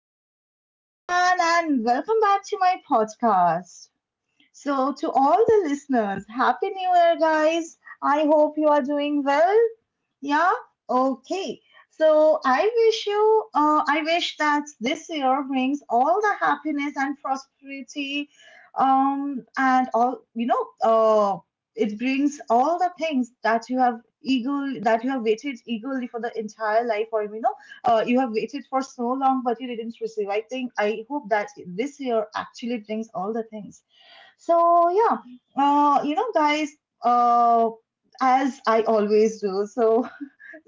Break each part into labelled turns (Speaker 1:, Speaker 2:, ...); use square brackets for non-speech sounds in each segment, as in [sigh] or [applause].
Speaker 1: Hello, everyone, and welcome back to my podcast. So, to all the listeners, Happy New Year, guys. I hope you are doing well. Yeah, okay. So I wish you, I wish that this year brings all the happiness and prosperity, and all. It brings all the things that you have waited eagerly for the entire life, or you have waited for so long but you didn't receive. I think I hope that this year actually brings all the things. So yeah, you know, guys, uh, as I always do. So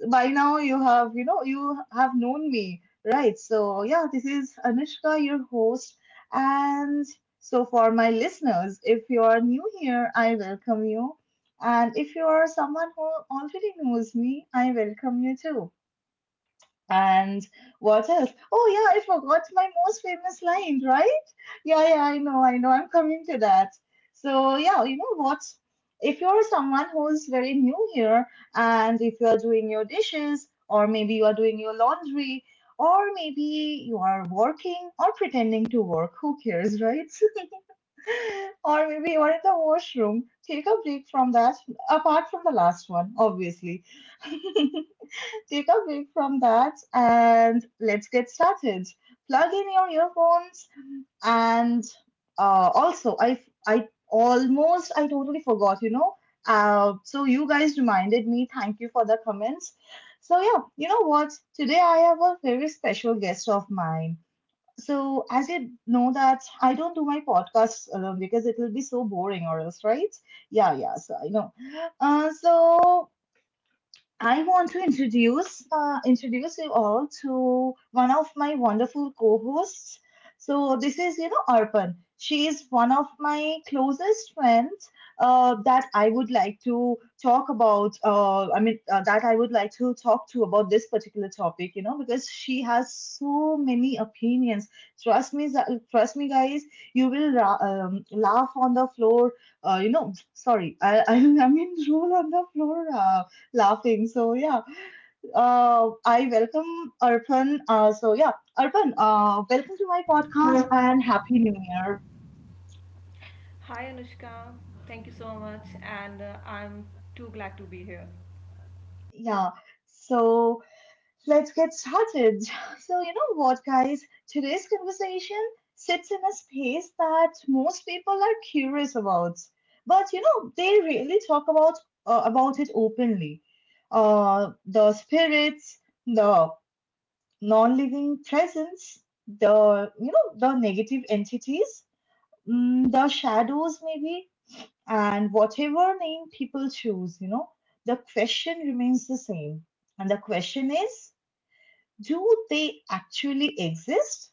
Speaker 1: by now you have, you have known me, right? So, yeah, this is Anushka, your host. And so, for my listeners, if you are new here, I welcome you. And if you are someone who already knows me, I welcome you too. And what else? Oh, yeah, I forgot my most famous line, right? Yeah, yeah, I know, I know. I'm coming to that. So, yeah, you know what? If you're someone who's very new here, and if you're doing your dishes, or maybe you are doing your laundry, or maybe you are working or pretending to work, who cares, right? [laughs] Or maybe you are in the washroom, take a break from that, apart from the last one, obviously. [laughs] Take a break from that and let's get started. Plug in your earphones and also I almost I totally forgot, you know. So you guys reminded me. Thank you for the comments. So yeah, you know what? Today I have a very special guest of mine. So as you know that I don't do my podcasts alone because it will be so boring or else, right? Yeah, yeah. So I know. So I want to introduce you all to one of my wonderful co-hosts. So this is, you know, Arpan. She is one of my closest friends that I would like to talk about. I mean that I would like to talk to about this particular topic. You know, because she has so many opinions. Trust me, guys. You will laugh on the floor. You know, sorry. [laughs] I mean roll on the floor. Laughing. So yeah, I welcome Arpan. Arpan, welcome to my podcast and happy new year.
Speaker 2: Hi Anushka, thank you so much, and I'm too glad to be here.
Speaker 1: Yeah. So let's get started. [laughs] So you know what, guys? Today's conversation sits in a space that most people are curious about, but you know they really talk about it openly. The spirits, the non-living presence, the the negative entities, the shadows maybe, and whatever name people choose, you know, the question remains the same. And the question is, do they actually exist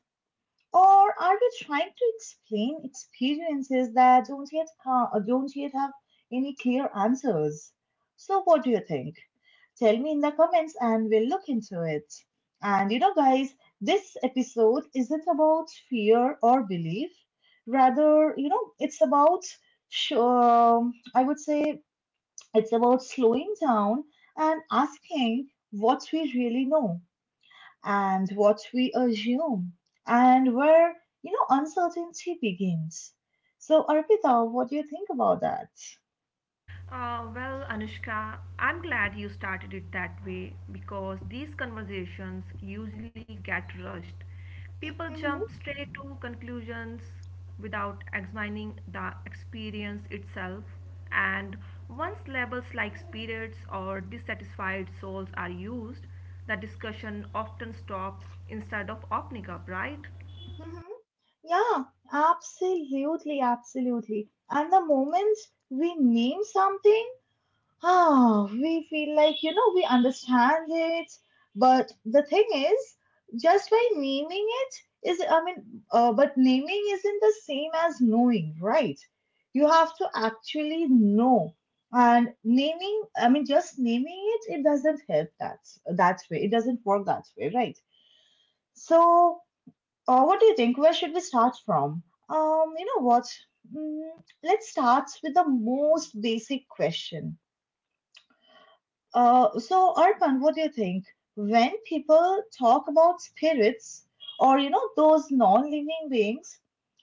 Speaker 1: or are we trying to explain experiences that don't yet have any clear answers? So what do you think? Tell me in the comments and we'll look into it. And you know guys, this episode isn't about fear or belief. Rather, you know, it's about I would say it's about slowing down and asking what we really know and what we assume, and where, you know, uncertainty begins. So, Arpita, what do you think about that?
Speaker 2: Well, Anushka, I'm glad you started it that way because these conversations usually get rushed. People
Speaker 1: Hmm.
Speaker 2: jump straight to conclusions without examining the experience itself, and once labels like spirits or dissatisfied souls are used, the discussion often stops instead of opening up, right?
Speaker 1: Hmm. Yeah, absolutely, absolutely. And the moment we name something, ah, we feel like, you know, we understand it. But the thing is, just by naming it is, I mean, but naming isn't the same as knowing, right? You have to actually know. And naming, I mean, just naming it, it doesn't help that way. It doesn't work that way, right? So, what do you think? Where should we start from? You know what? Mm, let's start with the most basic question. So, Arpan, what do you think? When people talk about spirits or, you know, those non living beings,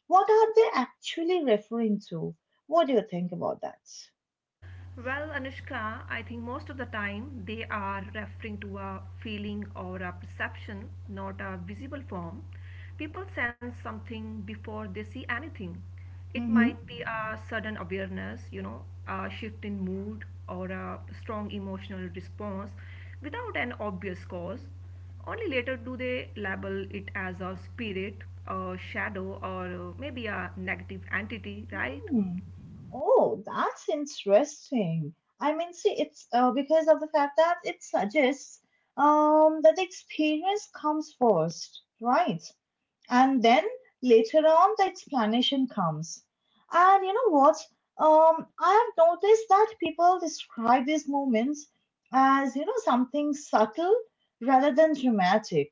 Speaker 1: what are they actually referring to? What do you think about that?
Speaker 2: Well, Anushka, I think most of the time they are referring to a feeling or a perception, not a visible form. People sense something before they see anything. It
Speaker 1: Hmm.
Speaker 2: might be a sudden awareness, you know, a shift in mood or a strong emotional response without an obvious cause. Only later do they label it as a spirit, a shadow, or maybe a negative entity, right?
Speaker 1: Hmm. Oh, that's interesting. I mean, see, it's because of the fact that it suggests that the experience comes first, right? And then later on, the explanation comes. And you know what? I have noticed that people describe these moments as you know something subtle rather than dramatic.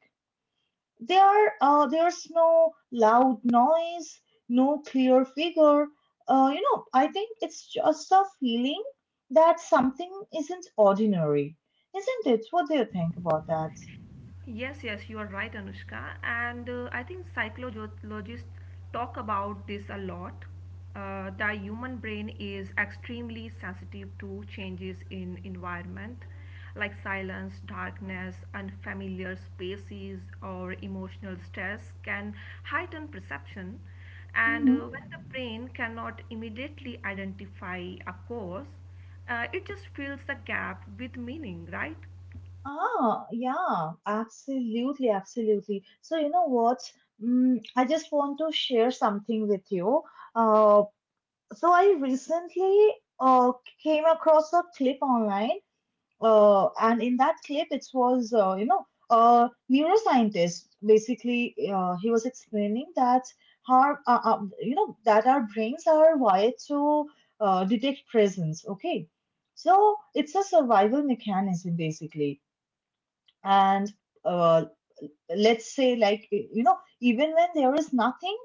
Speaker 1: There's no loud noise, no clear figure. You know, I think it's just a feeling that something isn't ordinary, isn't it? What do you think about that?
Speaker 2: Yes, yes, you are right, Anushka. And I think psychologists talk about this a lot. The human brain is extremely sensitive to changes in environment, like silence, darkness, unfamiliar spaces, or emotional stress can heighten perception. And when the brain cannot immediately identify a cause, it just fills the gap with meaning, right?
Speaker 1: Ah, yeah, absolutely, absolutely. So, you know what? I just want to share something with you. Uh, so, I recently uh, came across a clip online, and in that clip, it was, you know, a neuroscientist. Basically, he was explaining that you know, that our brains are wired to detect presence. Okay, so it's a survival mechanism, basically, and uh, let's say, like, you know, even when there is nothing,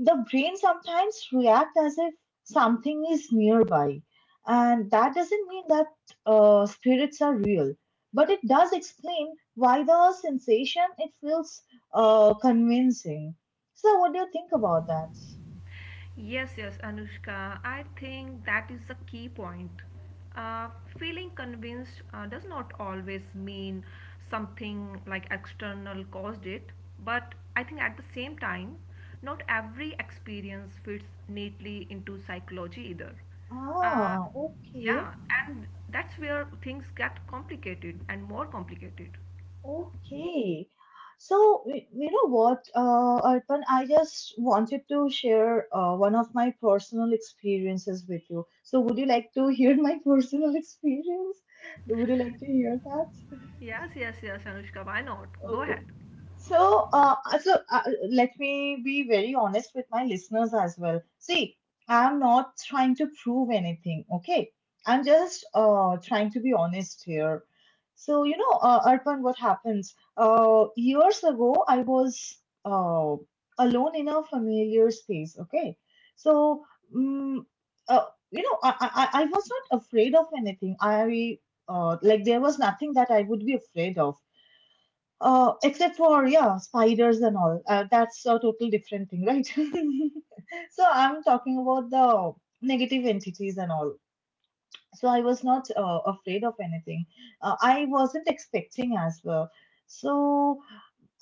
Speaker 1: the brain sometimes reacts as if something is nearby, and that doesn't mean that spirits are real, but it does explain why the sensation it feels convincing. So what do you think about that?
Speaker 2: Yes, yes, Anushka. I think that is the key point. Uh, feeling convinced does not always mean something like external caused it, but I think at the same time, not every experience fits neatly into psychology either. Uh,
Speaker 1: Ah, okay.
Speaker 2: yeah, and that's where things get complicated and more complicated.
Speaker 1: Okay. So, you know what, Arpan, I just wanted to share one of my personal experiences with you. So, would you like to hear my [laughs] personal experience? Would you like to hear that?
Speaker 2: Yes, yes, yes, Anushka, why not? Go
Speaker 1: Okay.
Speaker 2: ahead.
Speaker 1: So, let me be very honest with my listeners as well. See, I'm not trying to prove anything, okay? I'm just trying to be honest here. So, you know, Arpan, what happens? Years ago, I was uh, alone in a familiar space, okay? So, um, uh, you know, I was not afraid of anything. Like, there was nothing that I would be afraid of except for yeah, spiders and all. That's a total different thing, right? [laughs] So I'm talking about the negative entities and all. So I was not afraid of anything. I wasn't expecting as well. So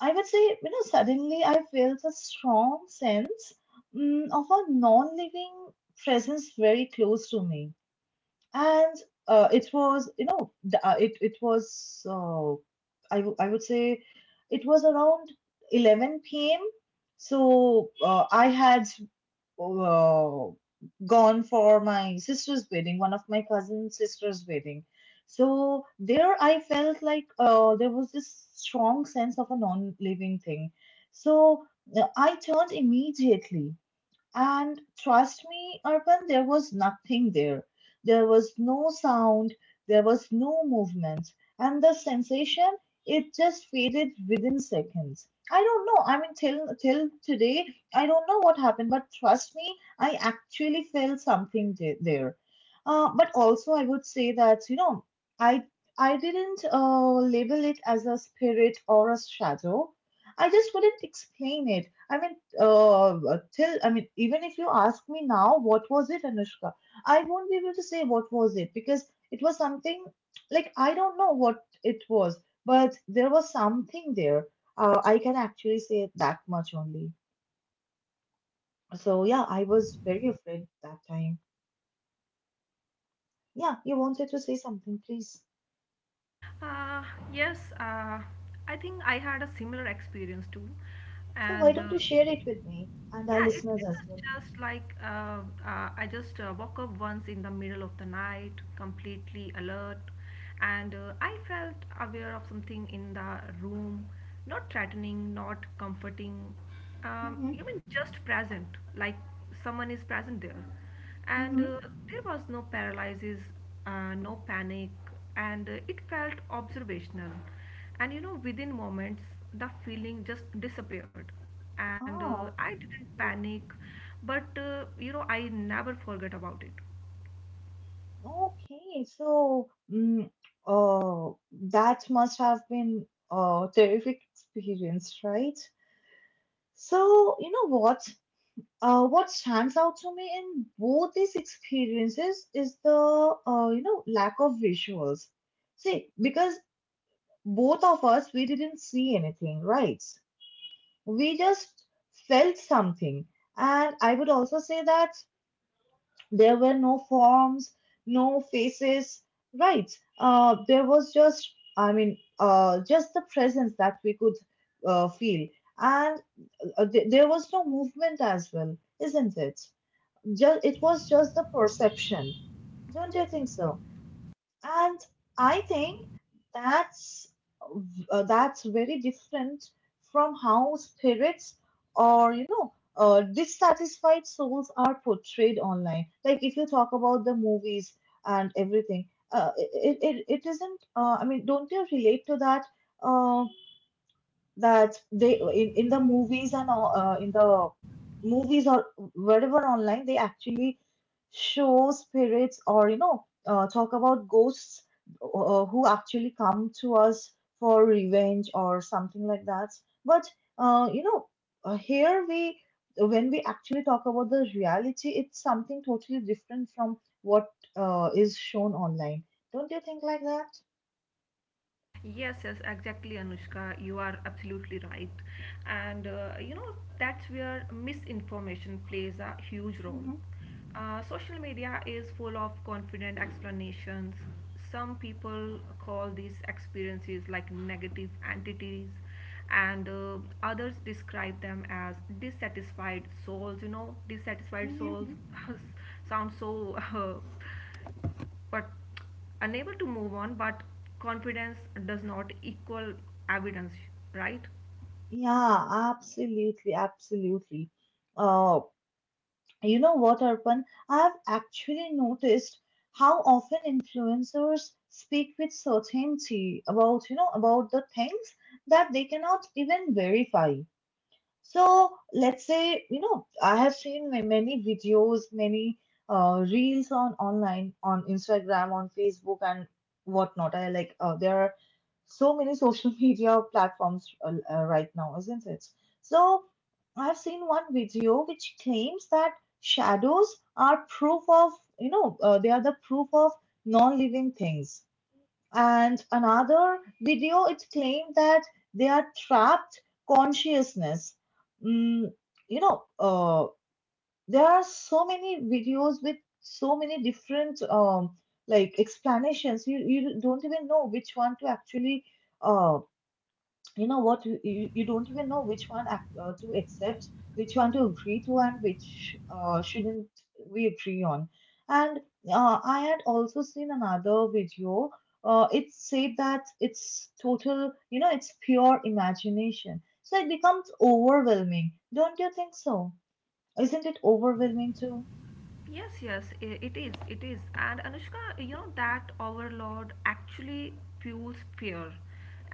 Speaker 1: I would say, you know, suddenly I felt a strong sense of a non-living presence very close to me, and it was you know the- it it was I w- I would say it was around 11 p.m. So I had uh, gone for my sister's wedding, one of my cousin's sister's wedding. So there I felt like there was this strong sense of a non-living thing. So I turned immediately and trust me, Urban, there was nothing there. There was no sound, there was no movement. And the sensation, it just faded within seconds. I don't know. I mean, till today, I don't know what happened, but trust me, I actually felt something there. But also, I would say that, you know, I I didn't label it as a spirit or a shadow. I just couldn't explain it. I mean, till I mean, even if you ask me now, what was it, Anushka? I won't be able to say what was it because it was something like I don't know what it was, but there was something there. I can actually say that much only. So yeah, I was very afraid that time. Yeah, you wanted to say something, please.
Speaker 2: Uh, yes, uh, I think I had a similar experience too.
Speaker 1: So why
Speaker 2: And
Speaker 1: don't
Speaker 2: uh,
Speaker 1: you share it with me and our
Speaker 2: yeah, it,
Speaker 1: listeners
Speaker 2: it
Speaker 1: as
Speaker 2: was
Speaker 1: well?
Speaker 2: just like I just woke up once in the middle of the night, completely alert, and I felt aware of something in the room, not threatening, not comforting,
Speaker 1: Mm-hmm.
Speaker 2: even just present, like someone is present there and
Speaker 1: Mm-hmm.
Speaker 2: there was no paralysis, no panic , and it felt observational, and you know, within moments the feeling just disappeared , and
Speaker 1: Ah,
Speaker 2: I didn't
Speaker 1: okay.
Speaker 2: panic, but you know, I never forget about it.
Speaker 1: Okay, so uh, that must have been a terrific experience, right? So, you know what? What stands out to me in both these experiences is the you know lack of visuals. See, because both of us we didn't see anything, right? We just felt something, and I would also say that. There were no forms, no faces, right? There was just, just the presence that we could feel, and there was no movement as well, isn't it? Just It was just the perception. Don't you think so? And I think that's that's very different from how spirits or you know dissatisfied souls are portrayed online. Like if you talk about the movies and everything, it, it it it isn't. I mean, don't you relate to that? Uh that they in the in the movies or wherever online they actually show spirits or you know talk about ghosts who actually come to us for revenge or something like that, but you know here we when we actually talk about the reality it's something totally different from what is shown online. Don't you think like that?
Speaker 2: Yes, yes, exactly, Anushka. You are absolutely right. And you know, that's where misinformation plays a huge role. Social media is full of confident explanations. Some people call these experiences like negative entities, and others describe them as dissatisfied souls. You know, dissatisfied souls
Speaker 1: Hmm.
Speaker 2: [laughs] sounds so. But unable to move on, but confidence does not equal evidence, right?
Speaker 1: Yeah, absolutely, absolutely. Uh, you know what, Arpan? I've actually noticed how often influencers speak with certainty about, you know, about the things that they cannot even verify. So let's say, I have seen many videos, many reels on online, on Instagram, on Facebook, and whatnot. There are so many social [laughs] media platforms right now, isn't it? So I've seen one video which claims that shadows are proof of, they are the proof of non-living things, and another video, it claimed that they are trapped consciousness. Mm, you know, uh, there are so many videos with so many different like explanations. You don't even know which one to actually uh, you don't even know which one to accept, which one to agree to, and which shouldn't we agree on. And I had also seen another video, it said that it's total, it's pure imagination. So it becomes overwhelming, don't you think so? Isn't it overwhelming too?
Speaker 2: Yes, it is, it is. And Anushka, you know that overload actually fuels fear,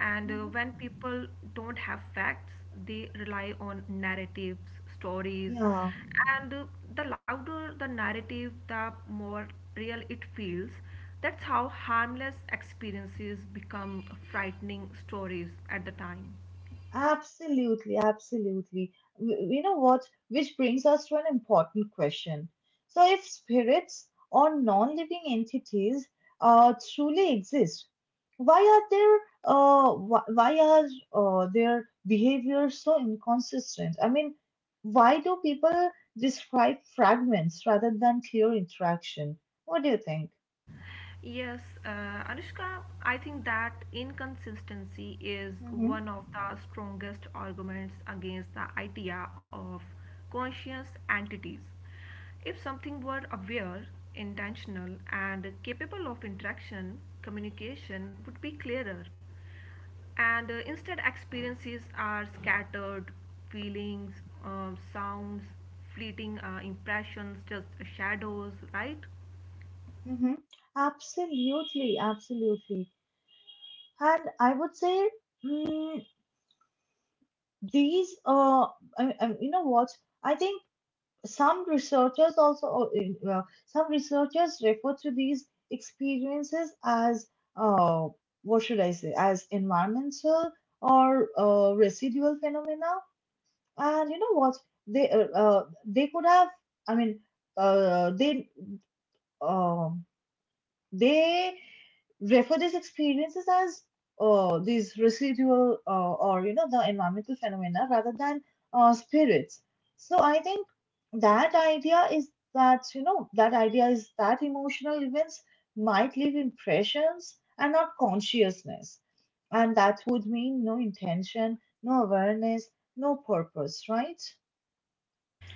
Speaker 2: and
Speaker 1: hmm
Speaker 2: when people don't have facts they rely on narratives, stories,
Speaker 1: yeah,
Speaker 2: and the louder the narrative the more real it feels. That's how harmless experiences become frightening stories at the time.
Speaker 1: absolutely, absolutely. You know what? Which brings us to an important question. So, if spirits or non living entities truly exist, why are their why are their behaviors so inconsistent? I mean, why do people describe fragments rather than clear interaction? What do you think?
Speaker 2: Yes, Anushka, I think that inconsistency is
Speaker 1: Mm-hmm,
Speaker 2: one of the strongest arguments against the idea of conscious entities. If something were aware, intentional, and capable of interaction, communication would be clearer. And instead, experiences are scattered, feelings, sounds, fleeting impressions, just shadows, right?
Speaker 1: mm-hmm. Absolutely, absolutely. And I would say, mm, these I, you know what I think some researchers also uh, uh, some researchers refer to these experiences as uh what should I say as environmental or residual phenomena. And you know what, they could have I mean uh, they um they refer these experiences as these residual or you know, the environmental phenomena rather than spirits. So I think that idea is that emotional events might leave impressions and not consciousness, and that would mean no intention, no awareness, no purpose, right?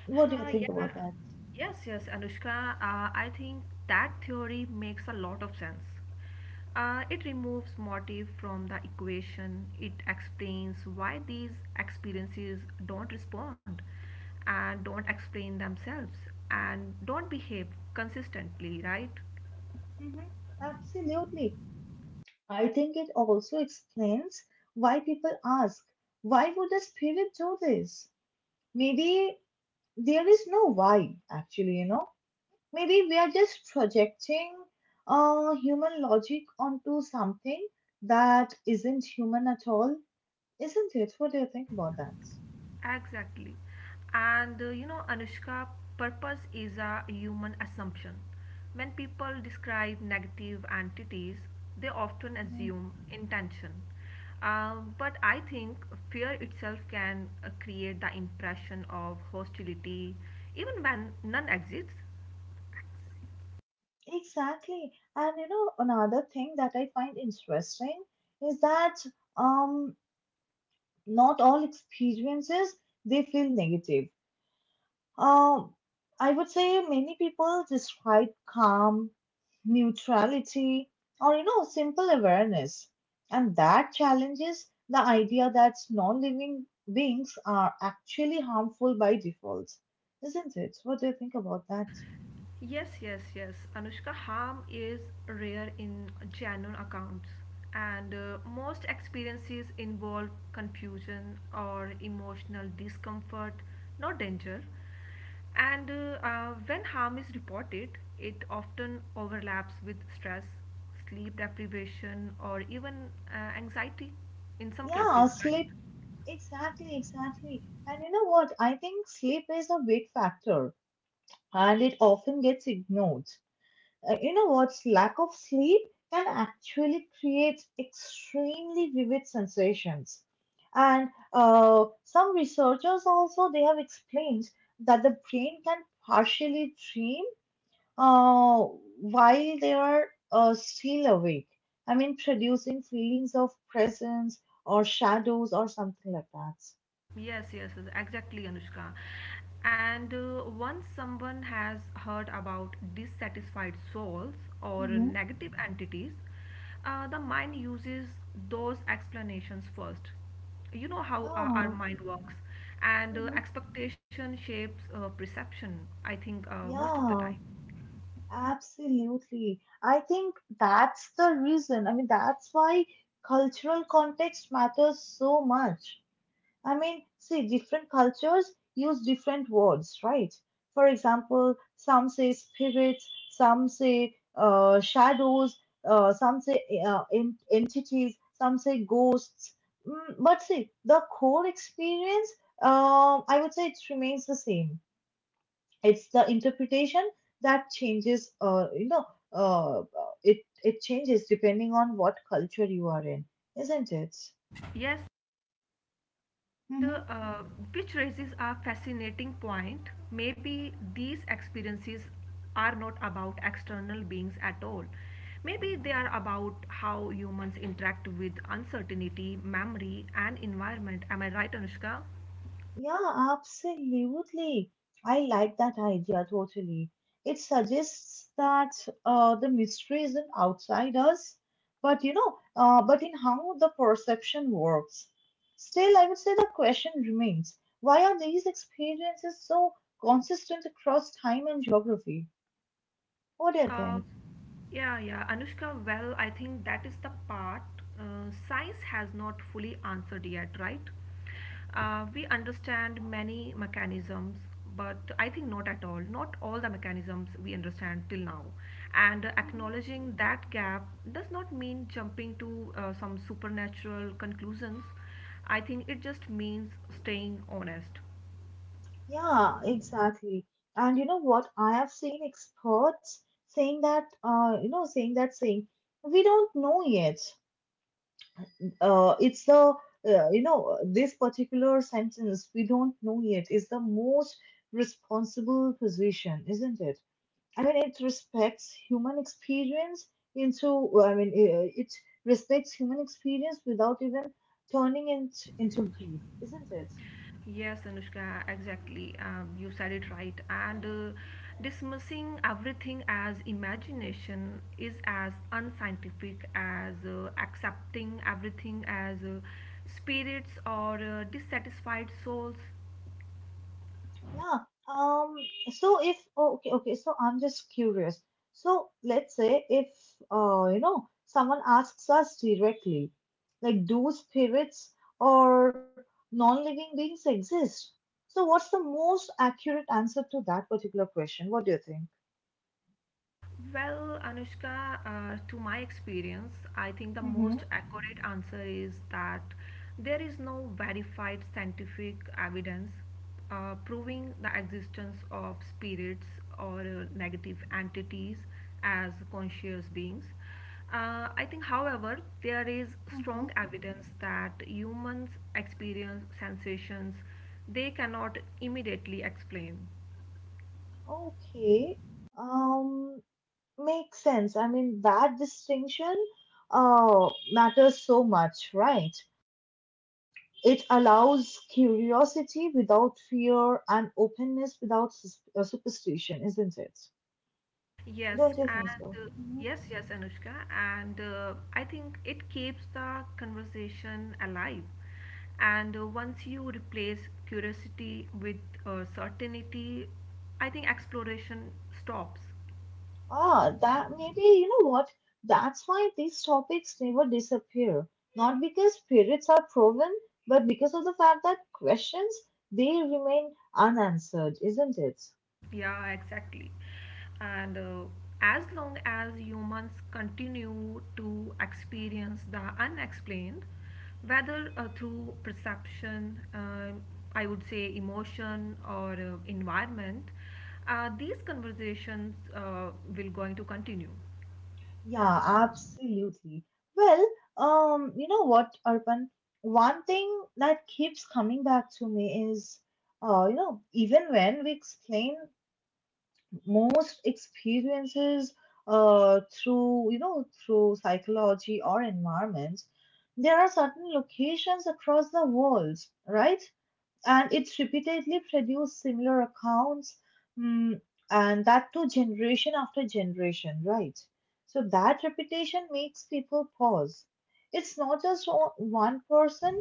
Speaker 1: What do you
Speaker 2: Uh,
Speaker 1: think about
Speaker 2: yeah.
Speaker 1: that?
Speaker 2: Yes, yes, Anushka, I think that theory makes a lot of sense. It removes motive from the equation, it explains why these experiences don't respond and don't explain themselves and don't behave consistently, right?
Speaker 1: hmm Absolutely. I think it also explains why people ask, why would the spirit do this? Maybe there is no why, actually, you know. Maybe we are just projecting human logic onto something that isn't human at all, isn't it? What do you think about that?
Speaker 2: Exactly. And you know, Anushka, purpose is a human assumption. When people describe negative entities, they often
Speaker 1: Mhm.
Speaker 2: assume intention. But I think fear itself can create the impression of hostility even when none exists.
Speaker 1: Exactly. And you know, another thing that I find interesting is that um, not all experiences they feel negative. Um, I would say many people describe calm, neutrality, or you know, simple awareness, and that challenges the idea that non-living beings are actually harmful by default, isn't it? What do you think about that?
Speaker 2: Yes, yes, yes. Anushka, harm is rare in genuine accounts, and most experiences involve confusion or emotional discomfort, not danger. And when harm is reported, it often overlaps with stress, sleep deprivation, or even anxiety in some
Speaker 1: Yeah,
Speaker 2: cases.
Speaker 1: sleep. Exactly, exactly. And you know what? I think sleep is a big factor, and it often gets ignored. You know what? Lack of sleep can actually create extremely vivid sensations. And some researchers also they have explained that the brain can partially dream uh, while they are still awake, I mean, producing feelings of presence or shadows or something like that.
Speaker 2: Yes, yes, yes, exactly, Anushka. And once someone has heard about dissatisfied souls or
Speaker 1: Mm-hmm.
Speaker 2: negative entities, the mind uses those explanations first. You know how our
Speaker 1: oh
Speaker 2: mind works, and
Speaker 1: mhm.
Speaker 2: expectation shapes perception, I think, most of the time.
Speaker 1: yeah Absolutely. I think that's the reason. I mean, that's why cultural context matters so much. I mean, see, different cultures use different words, right? For example, some say spirits, some say shadows, some say entities, some say ghosts. Mm, but see, the core experience, I would say it remains the same. It's the interpretation that changes, uh, it it changes depending on what culture you are in, isn't it?
Speaker 2: Yes, And
Speaker 1: Mm-hmm.
Speaker 2: which raises a fascinating point. Maybe these experiences are not about external beings at all. Maybe they are about how humans interact with uncertainty, memory, and environment. Am I right, Anushka?
Speaker 1: Yeah, absolutely. I like that idea totally. It suggests that the mystery isn't outside us, but you know, but in how the perception works. Still, I would say the question remains, why are these experiences so consistent across time and geography? What do you
Speaker 2: Uh,
Speaker 1: think?
Speaker 2: yeah, Anushka, well, I think that is the part science has not fully answered yet, right? We understand many mechanisms, but I think not at all. Not all the mechanisms we understand till now. And
Speaker 1: Mhm.
Speaker 2: acknowledging that gap does not mean jumping to some supernatural conclusions. I think it just means staying honest.
Speaker 1: Yeah, exactly. And you know what? I have seen experts saying that, saying, we don't know yet. It's the, you know, This particular sentence, we don't know yet, is the most responsible position, isn't it? I mean, it respects human experience without even turning it into grief, isn't it?
Speaker 2: Yes, Anushka, exactly. You said it right. And dismissing everything as imagination is as unscientific as accepting everything as spirits or dissatisfied souls.
Speaker 1: Yeah. Um. So if oh, okay, okay. So I'm just curious. So let's say if someone asks us directly, like, do spirits or non-living beings exist? So what's the most accurate answer to that particular question? What do you think?
Speaker 2: Well, Anushka, to my experience, I think the
Speaker 1: Mm-hmm.
Speaker 2: most accurate answer is that there is no verified scientific evidence proving the existence of spirits or negative entities as conscious beings. I think, however, there is
Speaker 1: Mm-hmm.
Speaker 2: strong evidence that humans experience sensations they cannot immediately explain.
Speaker 1: Okay. Um, makes sense. I mean, that distinction matters so much, right? It allows curiosity without fear, and openness without superstition, isn't it?
Speaker 2: Yes,
Speaker 1: Don't you
Speaker 2: and
Speaker 1: think so?
Speaker 2: uh, yes, Anushka, and I think it keeps the conversation alive. And once you replace curiosity with certainty, I think exploration stops.
Speaker 1: Ah, that maybe, you know what? That's why these topics never disappear. Not because periods are proven, but because of the fact that questions, they remain unanswered, isn't it?
Speaker 2: Yeah, exactly. And as long as humans continue to experience the unexplained, whether through perception, I would say emotion or environment, these conversations will going to continue.
Speaker 1: Yeah, absolutely. Well, you know what, Arpan? One thing that keeps coming back to me is, even when we explain most experiences, through psychology or environment, there are certain locations across the world, right? And it's repeatedly produced similar accounts, mm, and that too generation after generation, right? So that repetition makes people pause. It's not just one person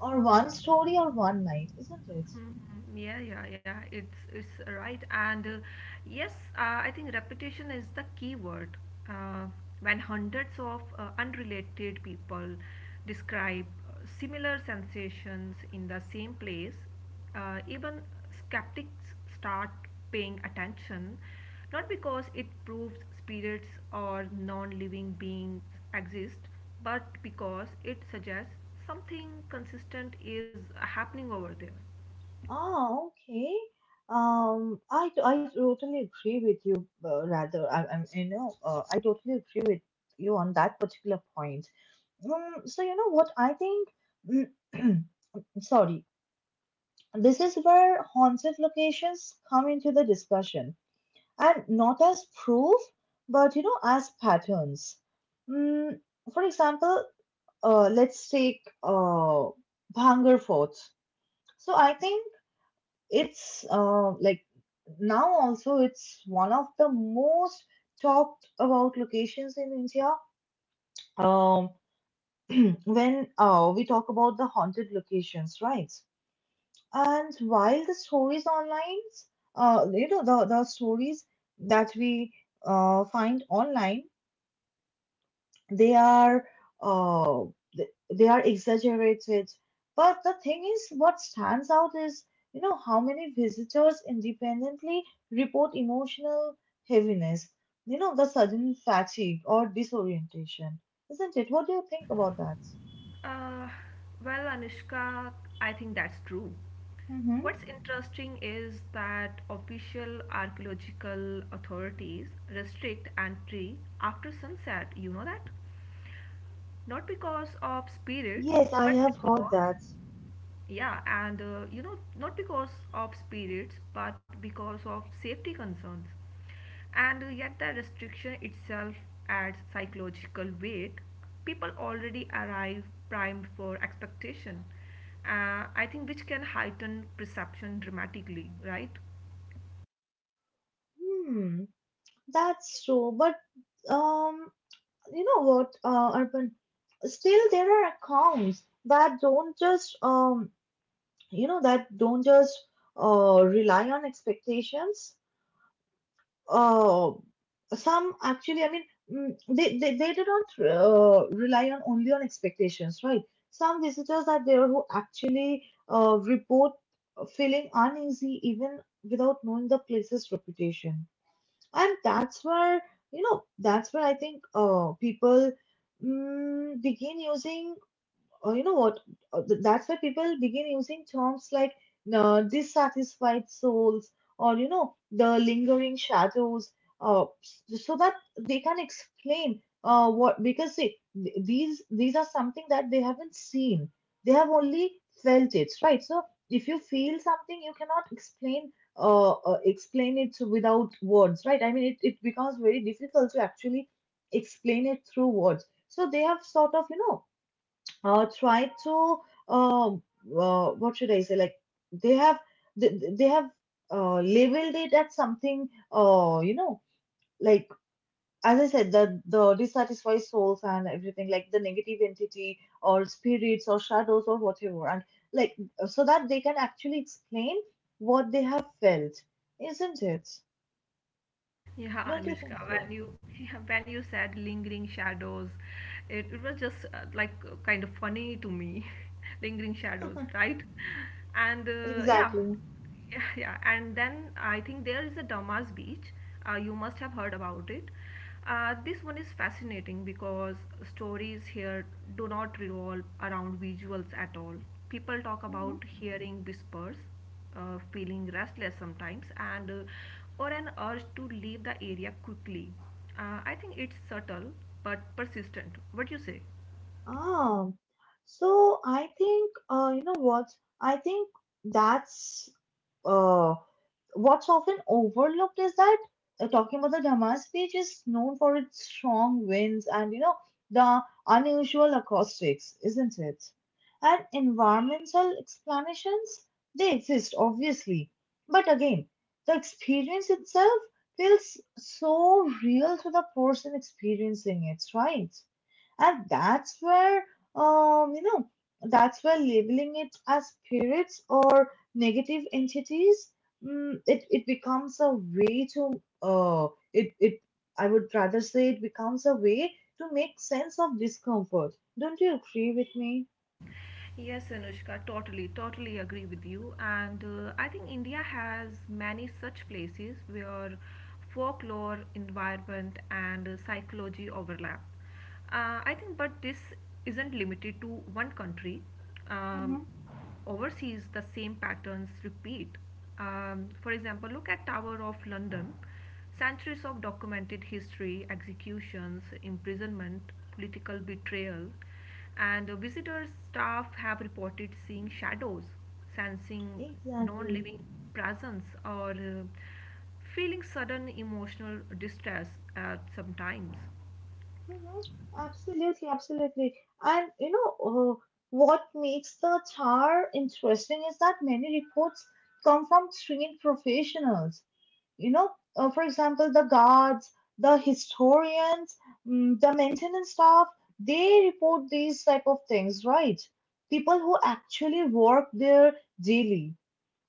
Speaker 1: or one story or one night, isn't it?
Speaker 2: Mhm. Yeah, yeah, yeah. It's right, and yes, I think repetition is the key word. Uh, when hundreds of unrelated people describe similar sensations in the same place, even skeptics start paying attention, not because it proves spirits or non-living beings exist, but because it suggests something consistent is happening over there.
Speaker 1: Ah okay I totally agree with you. Rather I you know I totally agree with you on that particular point. So you know what I think, [clears throat] sorry. This is where haunted locations come into the discussion, and not as proof, but you know, as patterns. Mm, for example, let's take Bhangar Fort. So I think it's like now also it's one of the most talked about locations in India. Um, [clears throat] when we talk about the haunted locations, right? And while the stories online, the stories that we find online, they are uh, th- they are exaggerated. But the thing is, what stands out is, you know, how many visitors independently report emotional heaviness, you know, the sudden fatigue or disorientation, isn't it? What do you think about that?
Speaker 2: Uh, well, Anushka, I think that's true.
Speaker 1: Mm-hmm.
Speaker 2: What's interesting is that official archaeological authorities restrict entry after sunset, you know that? Not because of spirits,
Speaker 1: Yes, I
Speaker 2: but
Speaker 1: have heard
Speaker 2: because
Speaker 1: that.
Speaker 2: yeah, and you know, not because of spirits, but because of safety concerns. And yet, the restriction itself adds psychological weight. People already arrive primed for expectation, I think, which can heighten perception dramatically, right?
Speaker 1: Hmm, that's true. But Um, you know what, Arpan? Still, there are accounts that don't just, that don't just rely on expectations. Uh, some actually, I mean, they do not rely on only on expectations, right? Some visitors are there who actually report feeling uneasy even without knowing the place's reputation. And that's where I think people, mm, begin using uh, you know what? That's why people begin using terms like dissatisfied souls or, you know, the lingering shadows, so that they can explain because see, these are something that they haven't seen. They have only felt it, right? So if you feel something, you cannot explain explain it without words, right? I mean, it becomes very difficult to actually explain it through words. So they have sort of, you know, try to um what should I say? Like they have they have labeled it as something like as I said, the dissatisfied souls and everything like the negative entity or spirits or shadows or whatever, and like so that they can actually explain what they have felt, isn't it? Don't
Speaker 2: Yeah,
Speaker 1: you think
Speaker 2: Anushka,
Speaker 1: so?
Speaker 2: when you [laughs] when you said lingering shadows, it was just like kind of funny to me, [laughs] lingering shadows, right? And
Speaker 1: [laughs]
Speaker 2: yeah,
Speaker 1: Exactly.
Speaker 2: [laughs] yeah, yeah. And then I think there is a Damas Beach. You must have heard about it. This one is fascinating because stories here do not revolve around visuals at all. People talk about hearing whispers, feeling restless sometimes and or an urge to leave the area quickly. I think it's subtle but persistent. What do you say?
Speaker 1: Ah, so I think, I think that's uh, what's often overlooked is that, talking about the Damas page, is known for its strong winds and you know, the unusual acoustics, isn't it? And environmental explanations they exist obviously, but again, the experience itself feels so real to the person experiencing it, right? And that's where, um, you know, that's where labeling it as spirits or negative entities, Mm, it becomes a way to it it I would rather say it becomes a way to make sense of discomfort. Don't you agree with me?
Speaker 2: Yes, Anushka, totally, totally agree with you. And I think India has many such places where folklore, environment, and psychology overlap. I think, but this isn't limited to one country. Um,
Speaker 1: Mm-hmm.
Speaker 2: overseas, the same patterns repeat. For example, look at Tower of London. Centuries of documented history, executions, imprisonment, political betrayal, and visitor staff have reported seeing shadows, sensing non
Speaker 1: Exactly.
Speaker 2: living presence, or feeling sudden emotional distress at some times.
Speaker 1: Mm-hmm. Absolutely, absolutely. And you know, what makes the TAR interesting is that many reports come from trained professionals, you know, for example, the guards, the historians, mm, the maintenance staff, they report these type of things, right? People who actually work there daily.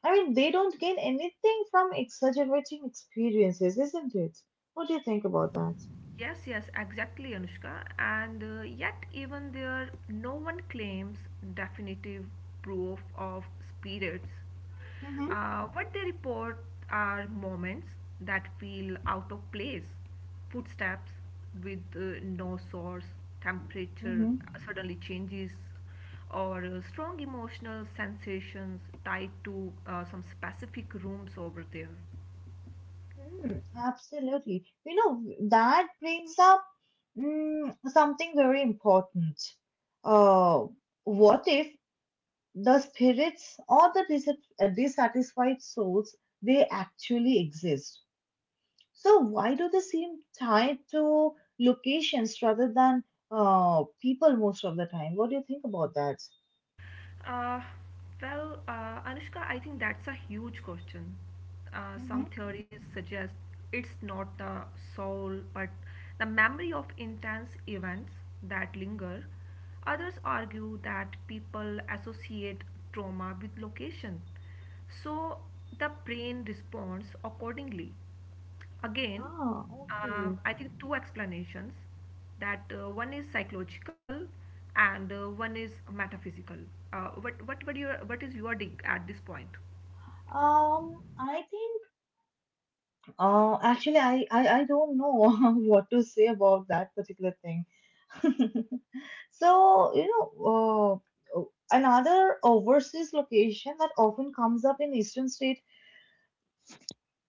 Speaker 1: I mean, they don't gain anything from exaggerating experiences, isn't it? What do you think about that?
Speaker 2: Yes, yes, exactly, Anushka. And yet, even there, no one claims definitive proof of spirits.
Speaker 1: Mm-hmm.
Speaker 2: What they report are moments that feel out of place, footsteps with no source, temperature
Speaker 1: Mm-hmm.
Speaker 2: suddenly changes, or strong emotional sensations tied to some specific rooms over there.
Speaker 1: Mm, absolutely. You know, that brings up, mm, something very important. Uh, what if the spirits or the dissatisfied souls, they actually exist. So, why do they seem tied to locations rather than people most of the time? What do you think about that?
Speaker 2: Uh, Anushka, I think that's a huge question.
Speaker 1: Mm-hmm.
Speaker 2: Some theories suggest it's not the soul, but the memory of intense events that linger. Others argue that people associate trauma with location, so the brain responds accordingly. Again,
Speaker 1: Ah, okay.
Speaker 2: I think two explanations, that one is psychological and one is metaphysical. What were your, what is your dig at this point?
Speaker 1: Um, I think, actually, I don't know [laughs] what to say about that particular thing. [laughs] So, uh, another overseas location that often comes up in eastern states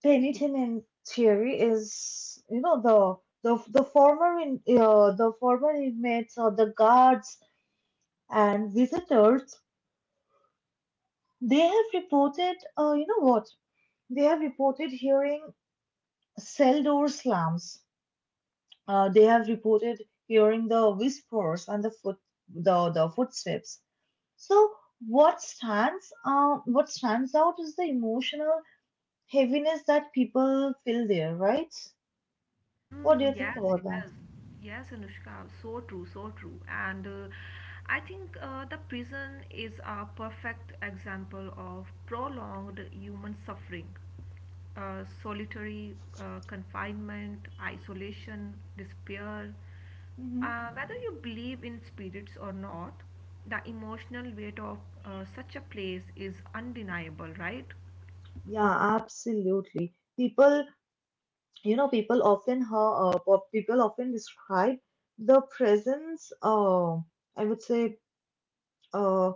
Speaker 1: Pennington in theory is, the former in the former inmates or the guards and visitors. They have reported, you know what? They have reported hearing cell door slams. They have reported hearing the whispers and the footsteps. So what stands out is the emotional heaviness that people feel there, right? What do you
Speaker 2: Mm,
Speaker 1: think
Speaker 2: yes,
Speaker 1: about
Speaker 2: yes,
Speaker 1: that?
Speaker 2: yes, Anushka, so true, so true. And I think the prison is a perfect example of prolonged human suffering. Solitary confinement, isolation, despair.
Speaker 1: Mm-hmm.
Speaker 2: Whether you believe in spirits or not, the emotional weight of such a place is undeniable, right?
Speaker 1: Yeah, absolutely. People often people often describe the presence, I would say, uh,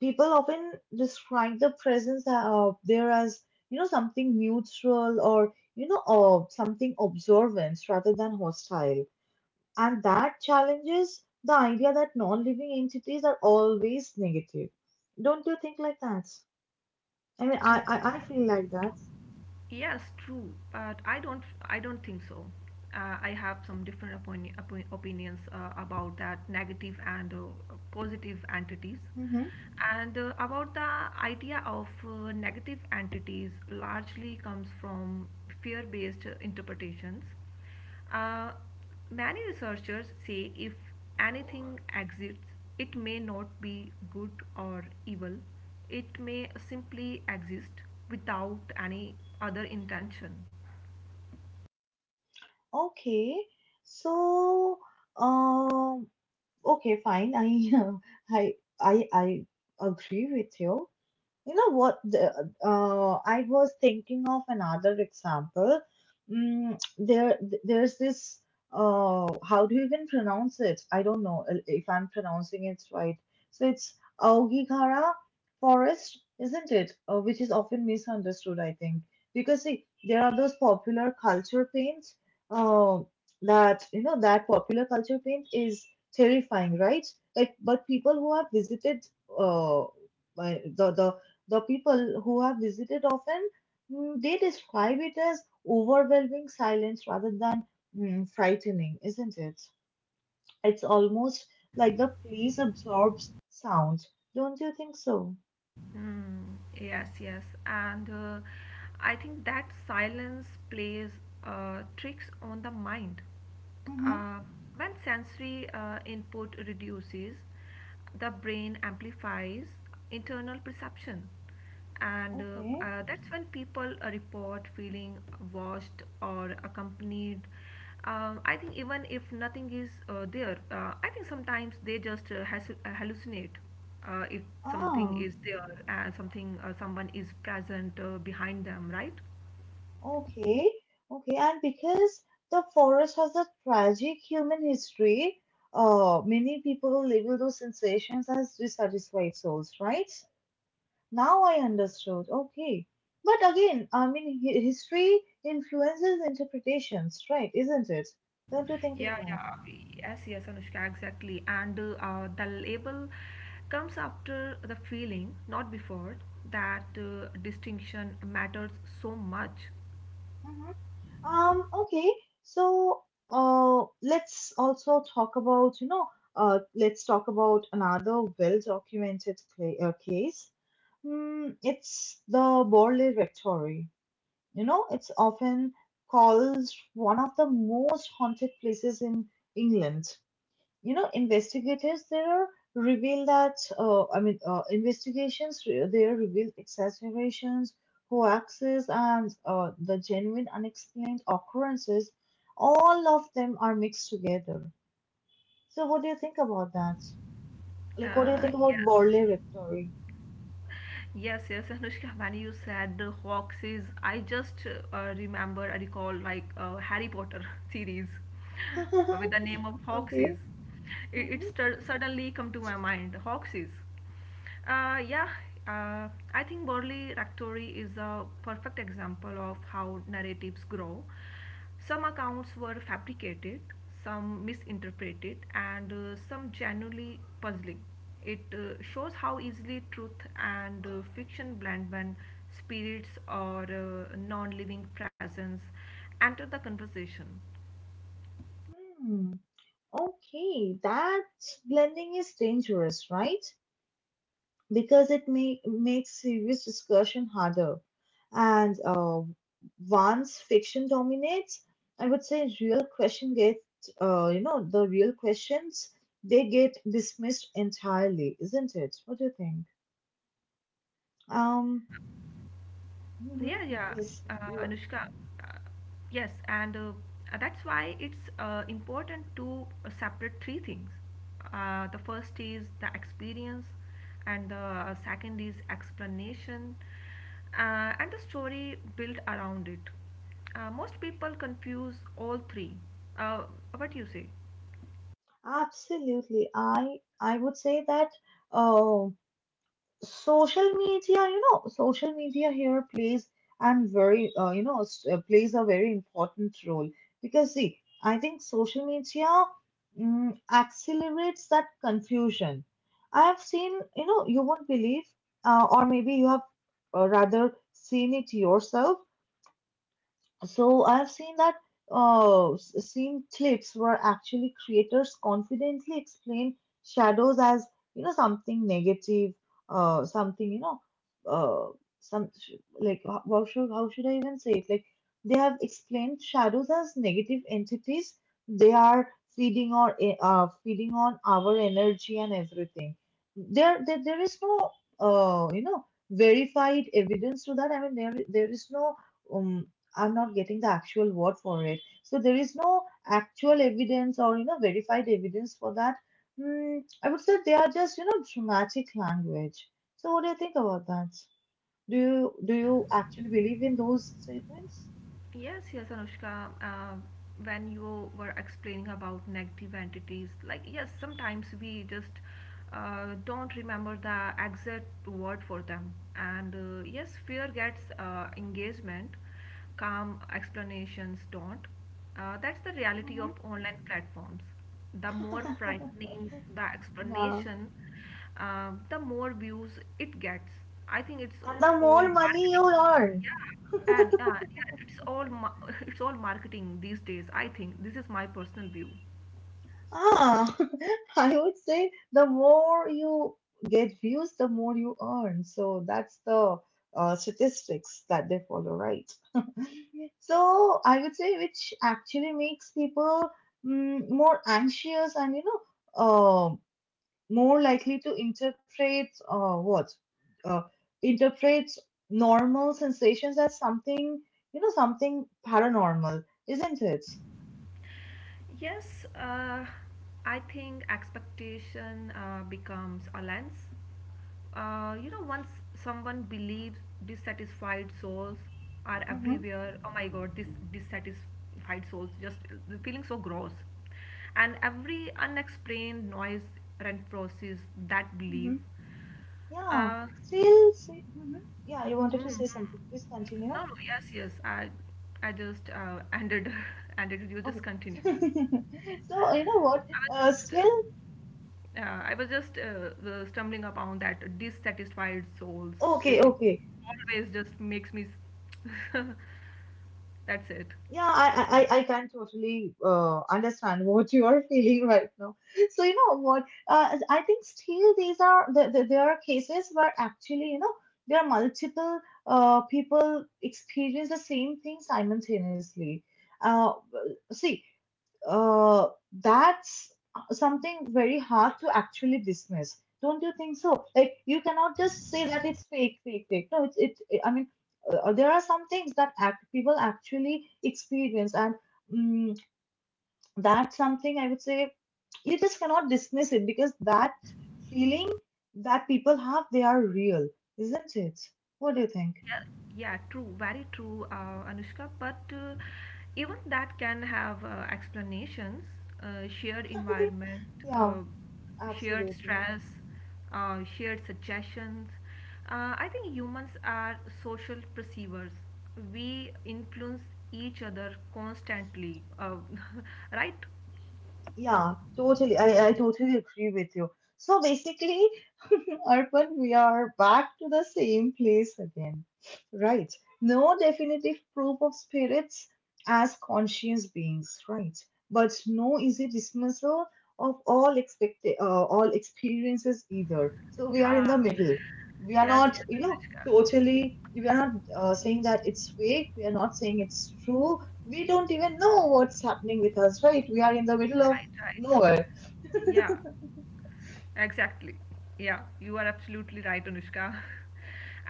Speaker 1: people often describe the presence there as, something neutral or, something observant rather than hostile. And that challenges the idea that non-living entities are always negative. Don't you think like that? I mean, I,
Speaker 2: True.
Speaker 1: I, I feel like that.
Speaker 2: Yes, true, but I don't. I don't think so. I have some different opinions about that negative and positive entities,
Speaker 1: Mm-hmm.
Speaker 2: and about the idea of negative entities largely comes from fear-based interpretations. Uh, Many researchers say if anything exists, it may not be good or evil, it may simply exist without any other intention.
Speaker 1: Okay, so um, okay, fine. I [laughs] I I agree with you. You know what? I was thinking of another example. Mm, there, there's this. How do you even pronounce it? I don't know if I'm pronouncing it right. So it's Aogigara forest, isn't it? Which is often misunderstood, I think, because see, there are those popular culture paints. Uh, that that popular culture paint is terrifying, right? Like, but people who have visited uh, by the, the the people who have visited often, they describe it as overwhelming silence rather than frightening, isn't it? It's almost like the place absorbs sound. Don't you think so?
Speaker 2: Mm, yes, yes, and I think that silence plays tricks on the mind.
Speaker 1: Mm-hmm.
Speaker 2: Uh, when sensory input reduces, the brain amplifies internal perception. And
Speaker 1: Okay.
Speaker 2: That's when people report feeling watched or accompanied. I think even if nothing is there. I think sometimes they just hallucinate if something
Speaker 1: Ah,
Speaker 2: is there and something someone is present behind them, right?
Speaker 1: okay. Okay. And because the forest has a tragic human history, many people label those sensations as dissatisfied souls, right? Now I understood. Okay. But again, I mean, history influences interpretations, right? Isn't it? Don't you think like
Speaker 2: yeah
Speaker 1: that?
Speaker 2: yeah yes, Anushka, exactly. and The label comes after the feeling, not before. That distinction matters so much.
Speaker 1: Hmm. Okay. So, let's also talk about, you know, let's talk about another well-documented case. It's the Borley Rectory. It's often called one of the most haunted places in England. Investigators there reveal that I mean investigations there reveal exaggerations, hoaxes, and the genuine unexplained occurrences. All of them are mixed together. So what do you think about that? Like, what do you
Speaker 2: uh,
Speaker 1: think about
Speaker 2: yes
Speaker 1: Borley Rectory?
Speaker 2: Yes, yes, Anushka, when you said the Foxes, I just remember, I recall, like, Harry Potter [laughs] series
Speaker 1: [laughs] Okay.
Speaker 2: with the name of Foxes. It, it
Speaker 1: Mm-hmm.
Speaker 2: stud- suddenly come to my mind, Foxes. Uh, yeah, I think Borley Rectory is a perfect example of how narratives grow. Some accounts were fabricated, some misinterpreted, and some genuinely puzzling. It shows how easily truth and fiction blend when spirits or non living presence enter the conversation.
Speaker 1: Hmm. Okay, that blending is dangerous, right? Because it makes serious discussion harder. And once fiction dominates, I would say real question get you know the real questions they get dismissed entirely, isn't it? What do you think? Um, mhm.
Speaker 2: Yeah, yeah,
Speaker 1: yes,
Speaker 2: uh,
Speaker 1: you
Speaker 2: Anushka. Uh, yes, and That's why it's important to separate three things. The first is the experience, and the second is explanation, and the story built around it. Most people confuse all three. Uh, what do you say?
Speaker 1: absolutely. I would say that. Uh, Social media, social media here plays and very you know s- plays a very important role. Because see, I think social media accelerates that confusion. I have seen, you won't believe, or maybe you have, rather seen it yourself. So I've seen that, seen clips where actually creators confidently explain shadows as, something negative, something you know, uh, some Like, how should I even say it? Like, they have explained shadows as negative entities. They are feeding on our energy and everything. There is no, verified evidence to that. I mean, there is no. Um, I'm not getting the actual word for it. So there is no actual evidence or, verified evidence for that. I would say they are just, dramatic language. So what do you think about that? Do you actually believe in those statements?
Speaker 2: Yes, yes, Anushka. When you were explaining about negative entities, like, yes, sometimes we just don't remember the exact word for them, and yes, fear gets engagement, calm explanations don't. That's the reality of
Speaker 1: Mhm.
Speaker 2: online platforms. The more
Speaker 1: [laughs]
Speaker 2: frightening the
Speaker 1: Yeah,
Speaker 2: explanation, the more views it gets. I think it's
Speaker 1: and the
Speaker 2: all
Speaker 1: more money you
Speaker 2: marketing.
Speaker 1: earn,
Speaker 2: Yeah, and yeah, [laughs] it's all marketing these days. I think this is my personal view.
Speaker 1: ah, [laughs] I would say the more you get views, the more you earn. So that's the statistics that they follow, right? So I would say, which actually makes people, more anxious and, uh, more likely to uh, interpret normal sensations as something you know something paranormal, isn't it?
Speaker 2: Yes, I think expectation becomes a lens. You know, once someone believes dissatisfied souls are
Speaker 1: Mm-hmm.
Speaker 2: everywhere. Oh my God, this dissatisfied souls just, they're feeling so gross, and every unexplained noise reinforces that belief.
Speaker 1: Mm-hmm. Yeah.
Speaker 2: Uh,
Speaker 1: Still, say, mhm. Yeah. You wanted to say
Speaker 2: hmm.
Speaker 1: something. Please continue.
Speaker 2: No, no, yes, yes. I just ended, [laughs] ended. You just
Speaker 1: Okay.
Speaker 2: continue.
Speaker 1: [laughs] So, you know what?
Speaker 2: I was just,
Speaker 1: Still
Speaker 2: I was just stumbling upon that dissatisfied souls.
Speaker 1: okay.
Speaker 2: It
Speaker 1: Okay.
Speaker 2: always just makes me. s- [laughs] That's it.
Speaker 1: Yeah, I can totally understand what [laughs] you are feeling right now. So you know what? I think still these are there are cases where actually, there are multiple, people experience the same thing simultaneously. Uh, See, that's something very hard to actually dismiss. Don't you think so? Like, you cannot just say that it's fake, fake, fake. No, I mean, there are some things that people actually experience, and mm that's something I would say you just cannot dismiss it because that feeling that people have, they are real, isn't it? What do you think?
Speaker 2: Yeah, yeah, true, very true, Anushka. But even that can have explanations: shared
Speaker 1: [laughs]
Speaker 2: environment,
Speaker 1: Yeah,
Speaker 2: uh, shared
Speaker 1: absolutely.
Speaker 2: stress, shared suggestions. I think humans are social perceivers. We influence each other constantly, [laughs] right?
Speaker 1: Yeah, totally. I totally agree with you. So basically, [laughs] Arpan, we are back to the same place again, right? No definitive proof of spirits as conscious beings, right? But no easy dismissal of all experiences either. So we are in the
Speaker 2: Yeah.
Speaker 1: middle. We are
Speaker 2: Yes,
Speaker 1: not,
Speaker 2: yes, Anushka.
Speaker 1: totally. We are not saying that it's fake. We are not saying it's true. We don't even know what's happening with us, right? We are in the middle of
Speaker 2: Right, right.
Speaker 1: nowhere.
Speaker 2: Yeah, exactly. Yeah, you are absolutely right, Anushka. [laughs]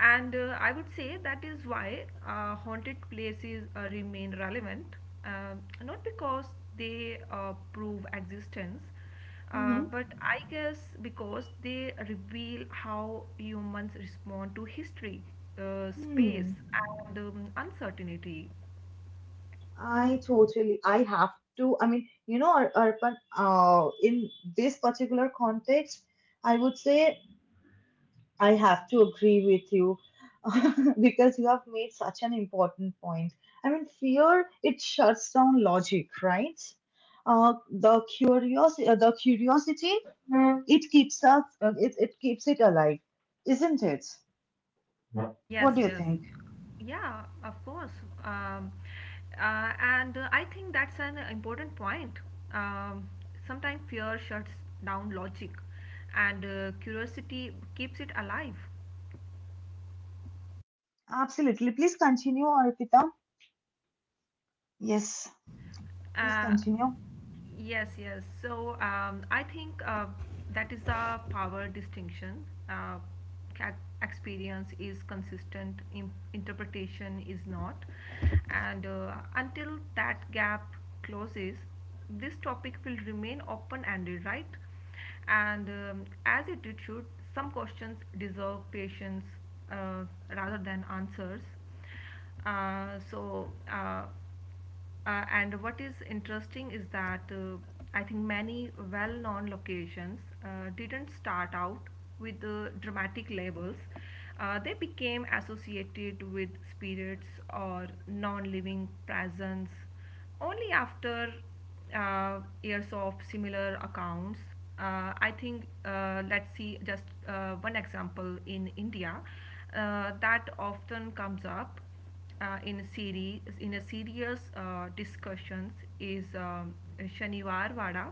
Speaker 2: And I would say that is why haunted places remain relevant. Um, not because they prove existence,
Speaker 1: Hmm.
Speaker 2: but I guess because they reveal how humans respond to history,
Speaker 1: Hmm.
Speaker 2: space, and uncertainty.
Speaker 1: I totally. I have to. I mean, you know, Arpan. In this particular context, I would say I have to agree with you [laughs] because you have made such an important point. I mean, fear, it shuts down logic, right? The curiosity, the curiosity, Mm. It keeps us. It keeps it alive, isn't it? Yeah. What
Speaker 2: Yes,
Speaker 1: do you
Speaker 2: yes.
Speaker 1: think?
Speaker 2: Yeah, of course. Um, and I think that's an important point. Um, Sometimes fear shuts down logic, and curiosity keeps it alive.
Speaker 1: Absolutely. Please continue, Arpita. Yes, please
Speaker 2: Uh,
Speaker 1: continue.
Speaker 2: Yes, yes. I think that is the power distinction. Ca- Experience is consistent, interpretation is not. And until that gap closes, this topic will remain open ended, right? And as it should, some questions deserve patience uh, rather than answers. Uh, so, uh, and what is interesting is that, I think, many well known locations didn't start out with dramatic labels. They became associated with spirits or non living presence only after years of similar accounts. I think let's see just one example in India that often comes up in a serious discussions is, Shaniwar Wada.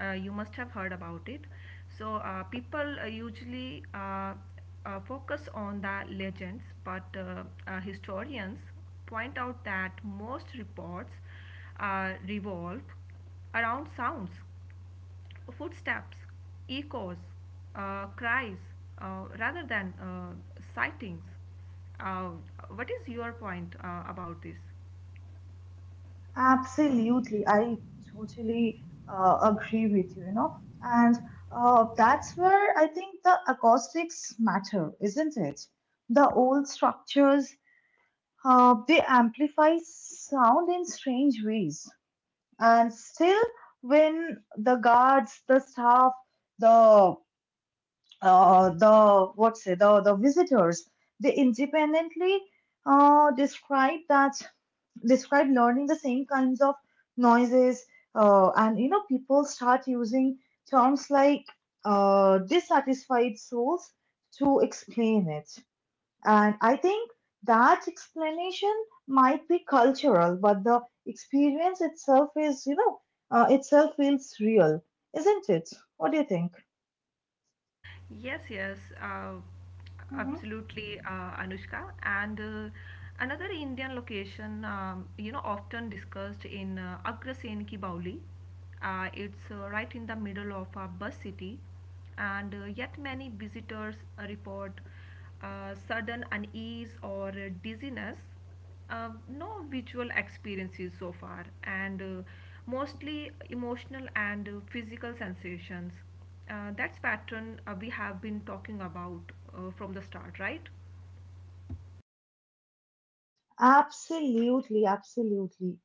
Speaker 2: You must have heard about it. So, people usually focus on the legends, but historians point out that most reports revolve around sounds, footsteps, echoes, cries, rather than sightings. Uh, what is your point about this?
Speaker 1: Absolutely. I totally agree with you, you know. And that's where I think the acoustics matter, isn't it? The old structures, they amplify sound in strange ways. And still, when the guards, the staff, the the visitors, they independently uh, describe that described learning the same kinds of noises. And people start using terms like, dissatisfied souls, to explain it. And I think that explanation might be cultural, but the experience itself is you know itself feels real, isn't it? What do you think?
Speaker 2: Yes, yes,
Speaker 1: Hmm.
Speaker 2: absolutely, Anushka. And another Indian location, you know, often discussed in, Agrasen Ki Bauli. It's right in the middle of a bus city, and yet many visitors report sudden unease or dizziness. No visual experiences so far, and mostly emotional and physical sensations. That's pattern we have been talking about from the start, right?
Speaker 1: Absolutely, absolutely.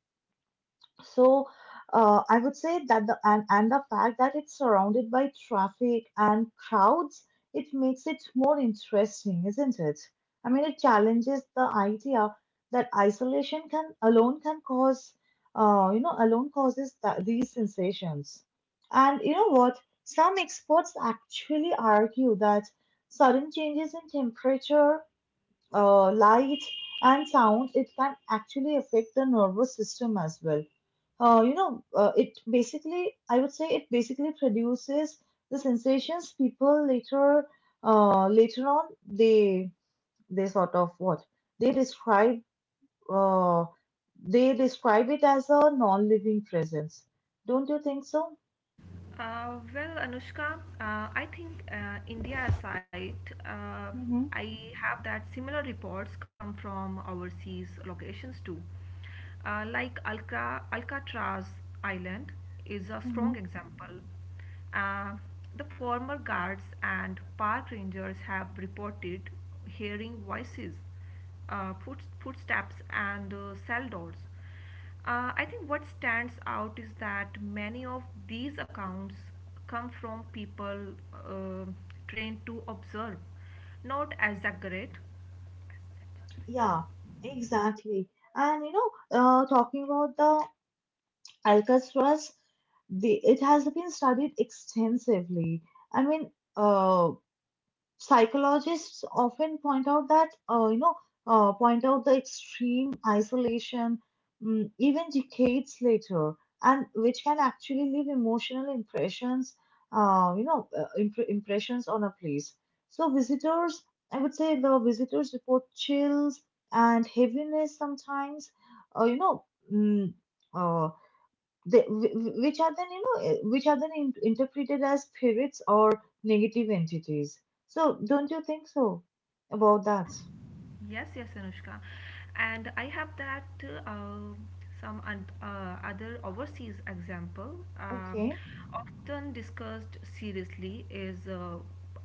Speaker 1: So, I would say that and the fact that it's surrounded by traffic and crowds, it makes it more interesting, isn't it? I mean, it challenges the idea that isolation can alone can cause you know alone causes these sensations. And you know what, some experts actually argue that sudden changes in temperature, light, and sound, it can actually affect the nervous system as well. I would say, it basically produces the sensations people later on, they sort of what they describe, uh, they describe it as a non-living presence. Don't you think so?
Speaker 2: Well, Anushka, I think, India aside, uh,
Speaker 1: Mm-hmm.
Speaker 2: I have that similar reports come from overseas locations too. Like Alcatraz Island is a
Speaker 1: Mm-hmm.
Speaker 2: strong example. Uh, the former guards and park rangers have reported hearing voices, footsteps, and cell doors. I think what stands out is that many of these accounts come from people uh, trained to observe, not exaggerate.
Speaker 1: Yeah, exactly. And talking about the Alcatraz, it has been studied extensively. I mean, uh, psychologists often point out that, you know, point out the extreme isolation, even decades later, and which can actually leave emotional impressions, impressions on a place. So visitors, I would say, the visitors report chills and heaviness sometimes, uh, you know, mm, uh, they, wh- which are then interpreted as spirits or negative entities. So don't you think so about that?
Speaker 2: Yes, yes, Anushka. And I have that uh, other overseas example,
Speaker 1: Okay.
Speaker 2: often discussed seriously, is,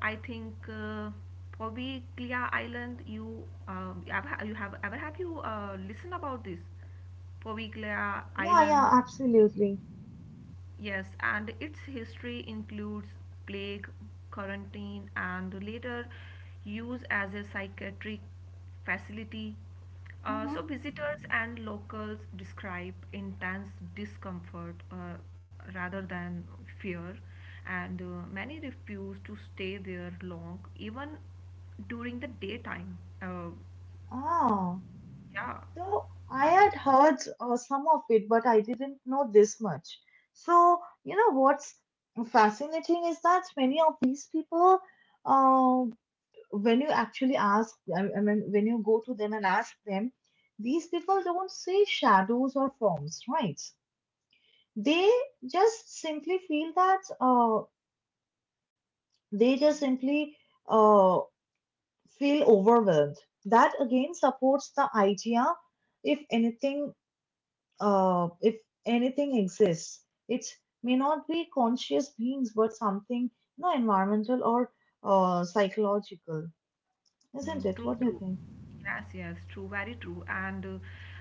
Speaker 2: I think, Poveglia Island. You you have ever have you listened about this Poveglia
Speaker 1: Yeah, yeah,
Speaker 2: Island?
Speaker 1: absolutely.
Speaker 2: Yes, and its history includes plague, quarantine, and later use as a psychiatric facility. Uh,
Speaker 1: Mm-hmm.
Speaker 2: so, visitors and locals describe intense discomfort rather than fear, and many refuse to stay there long, even during the daytime.
Speaker 1: ah
Speaker 2: Yeah.
Speaker 1: so I had heard some of it, but I didn't know this much. So you know what's fascinating is that many of these people, uh, when you actually ask them, I mean, when you go to them and ask them, these people don't see shadows or forms, right? They just simply they just simply uh, feel overwhelmed. That again supports the idea, if anything, if anything, exists, it may not be conscious beings, but something, environmental or, psychological, isn't
Speaker 2: Mm,
Speaker 1: it?
Speaker 2: true,
Speaker 1: What do you
Speaker 2: true.
Speaker 1: think?
Speaker 2: Yes, yes, true, very true. And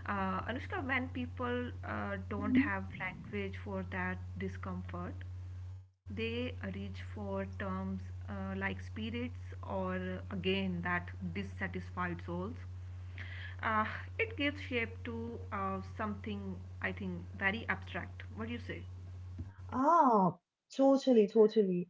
Speaker 2: Anushka, when people don't have language for that discomfort, they reach for terms like spirits, or, again, that dissatisfied souls. Uh, it gives shape to something I think very abstract. What do you say?
Speaker 1: Ah, totally, totally.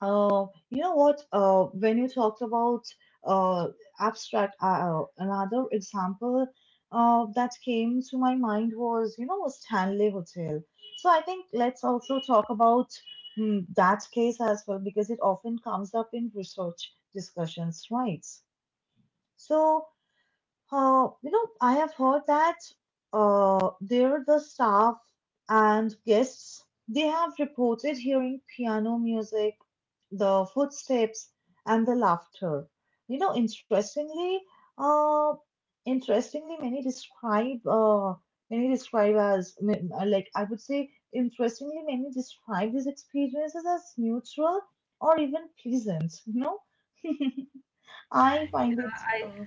Speaker 1: You know what? When you talked about, uh, abstract, another example, that came to my mind was, Stanley Hotel. So I think let's also talk about, that case as well, because it often comes up in research discussions, right? So, I have heard that, there the staff and guests, they have reported hearing piano music, the footsteps, and the laughter. Interestingly, uh, interestingly, many describe as like I would say, interestingly, many describe these experiences as neutral or even pleasant. You know, [laughs] I find
Speaker 2: Yeah,
Speaker 1: it.
Speaker 2: I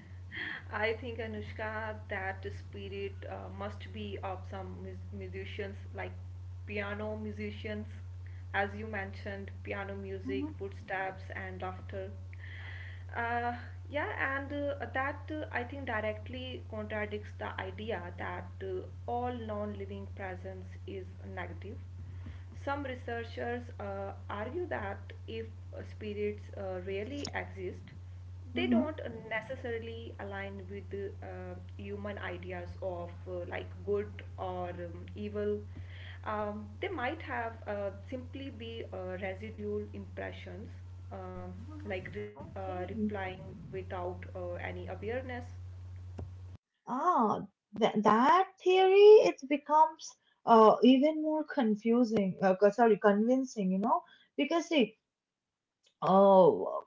Speaker 2: I think, Anushka, that spirit must be of some musicians, like piano musicians, as you mentioned, piano music,
Speaker 1: Mhm,
Speaker 2: footsteps, and laughter. Uh, yeah, and that I think directly contradicts the idea that all non-living presence is negative. Some researchers argue that if spirits really exist, they
Speaker 1: mhm.
Speaker 2: don't necessarily align with human ideas of, like, good or evil. They might have simply be residual impressions, um
Speaker 1: Mhm. Okay.
Speaker 2: replying without any awareness.
Speaker 1: Ah, that theory, it becomes even more confusing. Sorry, convincing. You know, because see, oh,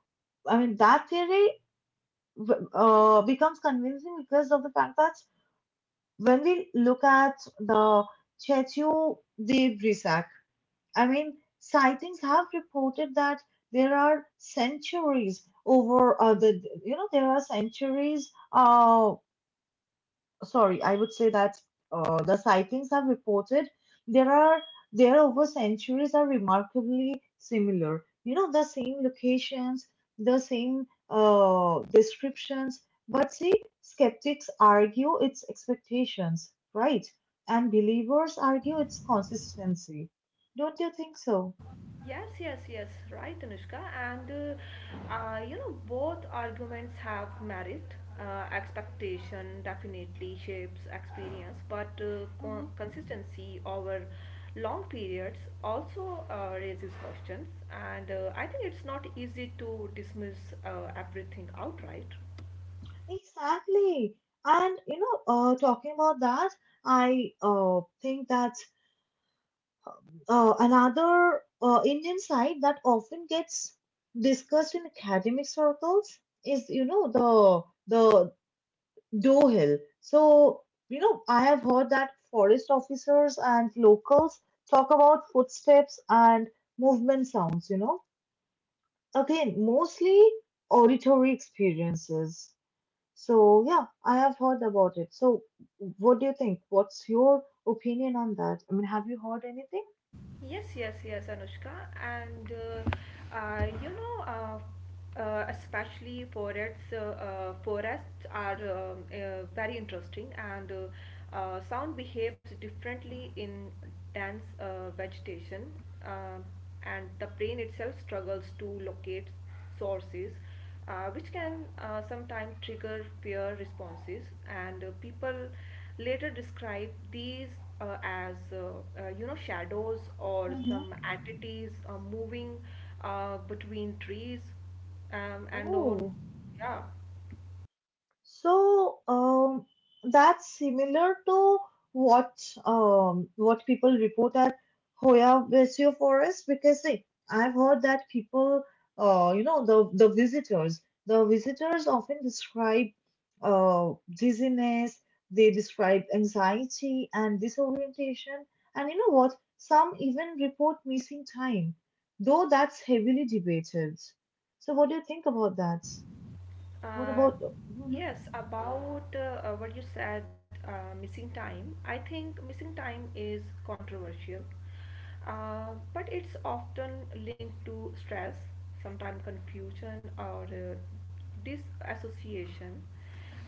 Speaker 1: I mean that theory becomes convincing because of the fact that when we look at the Chetu Debrisak, I mean, sightings have reported that there are centuries over the you know there are centuries sorry, I would say that the sightings have reported there are there over centuries are remarkably similar. You know, the same locations, the same descriptions. But see, skeptics argue its expectations, right? And believers argue its consistency. Don't you think so?
Speaker 2: Yes, yes, yes, right, Anushka. And you know, both arguments have merit. Expectation definitely shapes experience, but
Speaker 1: hmm
Speaker 2: consistency over long periods also raises questions. And I think it's not easy to dismiss everything outright.
Speaker 1: Exactly. And you know, talking about that, I think that another Indian side that often gets discussed in academic circles is, you know, the Doe Hill. So, you know, I have heard that forest officers and locals talk about footsteps and movement sounds, you know. Again, mostly auditory experiences. So, yeah, I have heard about it. So, what do you think? What's your opinion on that? I mean, have you heard anything?
Speaker 2: Yes, yes, yes, Anushka. Especially forests, forests are, very interesting, and sound behaves differently in dense vegetation, um and the brain itself struggles to locate sources, which can sometimes trigger fear responses. And people later describe these as, you know, shadows or
Speaker 1: hmm
Speaker 2: some entities moving between trees and all,
Speaker 1: Oh.
Speaker 2: yeah.
Speaker 1: So that's similar to what what people report at Hoya Vesio Forest because see, I've heard that people, you know, the visitors, the visitors often describe dizziness, they describe anxiety and disorientation, and you know what? Some even report missing time, though that's heavily debated. So, what do you think about that? What
Speaker 2: Uh,
Speaker 1: about? Mhm.
Speaker 2: yes, about, what you said, missing time. I think missing time is controversial, but it's often linked to stress, sometimes confusion or disassociation.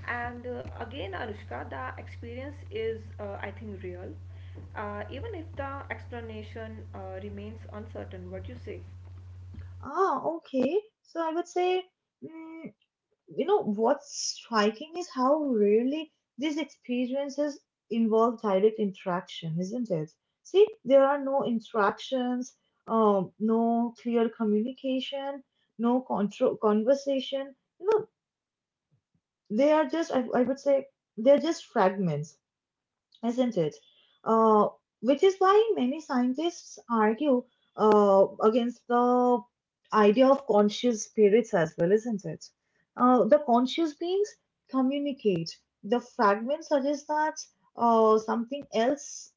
Speaker 2: And again, Anushka, the experience is, I think, real, even if the explanation remains uncertain. What do you say?
Speaker 1: Ah, okay. So I would say, mm, you know, what's striking is how rarely these experiences involve direct interaction, isn't it? See, there are no interactions, no clear communication, no control conversation. You know, they are just, I would say, they're just fragments isn't it? Uh, which is why many scientists argue against the idea of conscious spirits as well, isn't it? The conscious beings communicate. The fragments suggest that something else,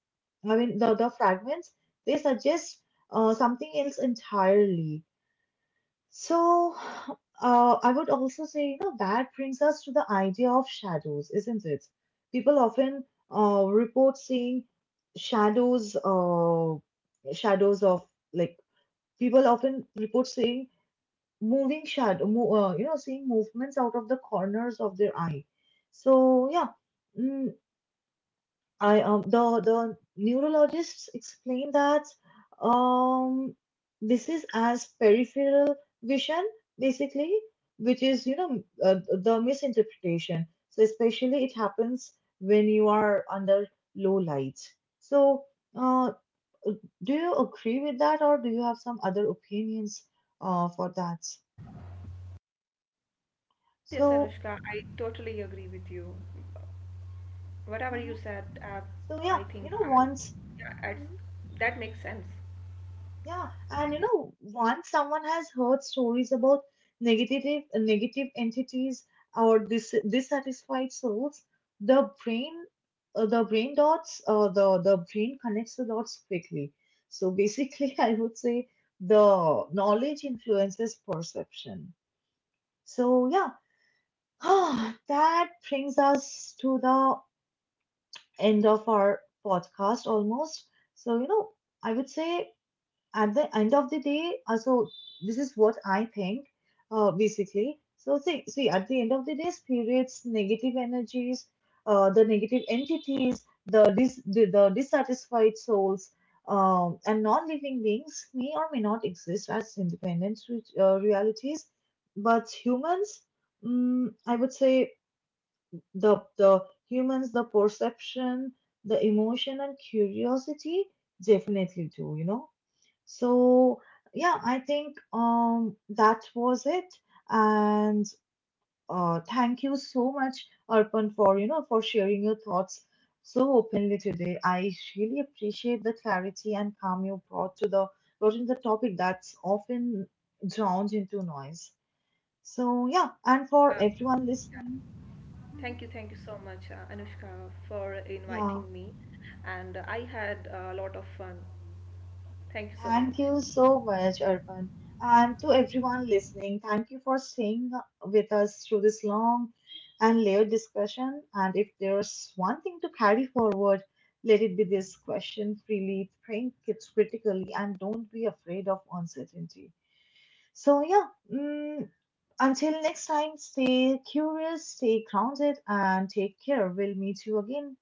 Speaker 1: I mean, the fragments, they suggest something else entirely. So, I would also say, you know, that brings us to the idea of shadows, isn't it? People often report seeing shadows, shadows of like people often report seeing moving shadow, mo you know, seeing movements out of the corners of their eye. So, yeah, mm, I the neurologists explain that um this is as peripheral vision basically, which is the misinterpretation. So especially it happens when you are under low light. So uh, do you agree with that, or do you have some other opinions for that?
Speaker 2: Yes, yes,
Speaker 1: So
Speaker 2: Anushka, I totally agree with you. Whatever you
Speaker 1: mhm.
Speaker 2: said,
Speaker 1: So yeah,
Speaker 2: I
Speaker 1: you
Speaker 2: think,
Speaker 1: know once.
Speaker 2: yeah, it's,
Speaker 1: Mm-hmm.
Speaker 2: that makes sense.
Speaker 1: Yeah, and you know, once someone has heard stories about negative negative entities or dissatisfied souls, the brain the brain dots the brain connects the dots quickly. So basically, [laughs] I would say the knowledge influences perception. So yeah, [sighs] that brings us to the end of our podcast almost. So you know, I would say at the end of the day, so this is what I think, basically. So see, at the end of the day, spirits, negative energies, the negative entities, the dissatisfied souls, and non-living beings may or may not exist as independent realities, but humans, I would say the humans, the perception, the emotion, and curiosity definitely do, you know so yeah, I think that was it. And thank you so much, Arpan, for for sharing your thoughts so openly today. I really appreciate the clarity and calm you brought in the topic that's often drowned into noise. So yeah, and for
Speaker 2: Yeah.
Speaker 1: everyone
Speaker 2: Yeah.
Speaker 1: listening, mhm,
Speaker 2: Thank you so much, Anushka, for
Speaker 1: yeah.
Speaker 2: inviting me. And I had a lot of fun. Thank you so
Speaker 1: Thank
Speaker 2: much.
Speaker 1: you so much, Arpan. And to everyone listening, thank you for staying with us through this long and layered discussion. And if there's one thing to carry forward, let it be this question freely, think it critically, and don't be afraid of uncertainty. So, yeah, mm, until next time, stay curious, stay grounded, and take care. We'll meet you again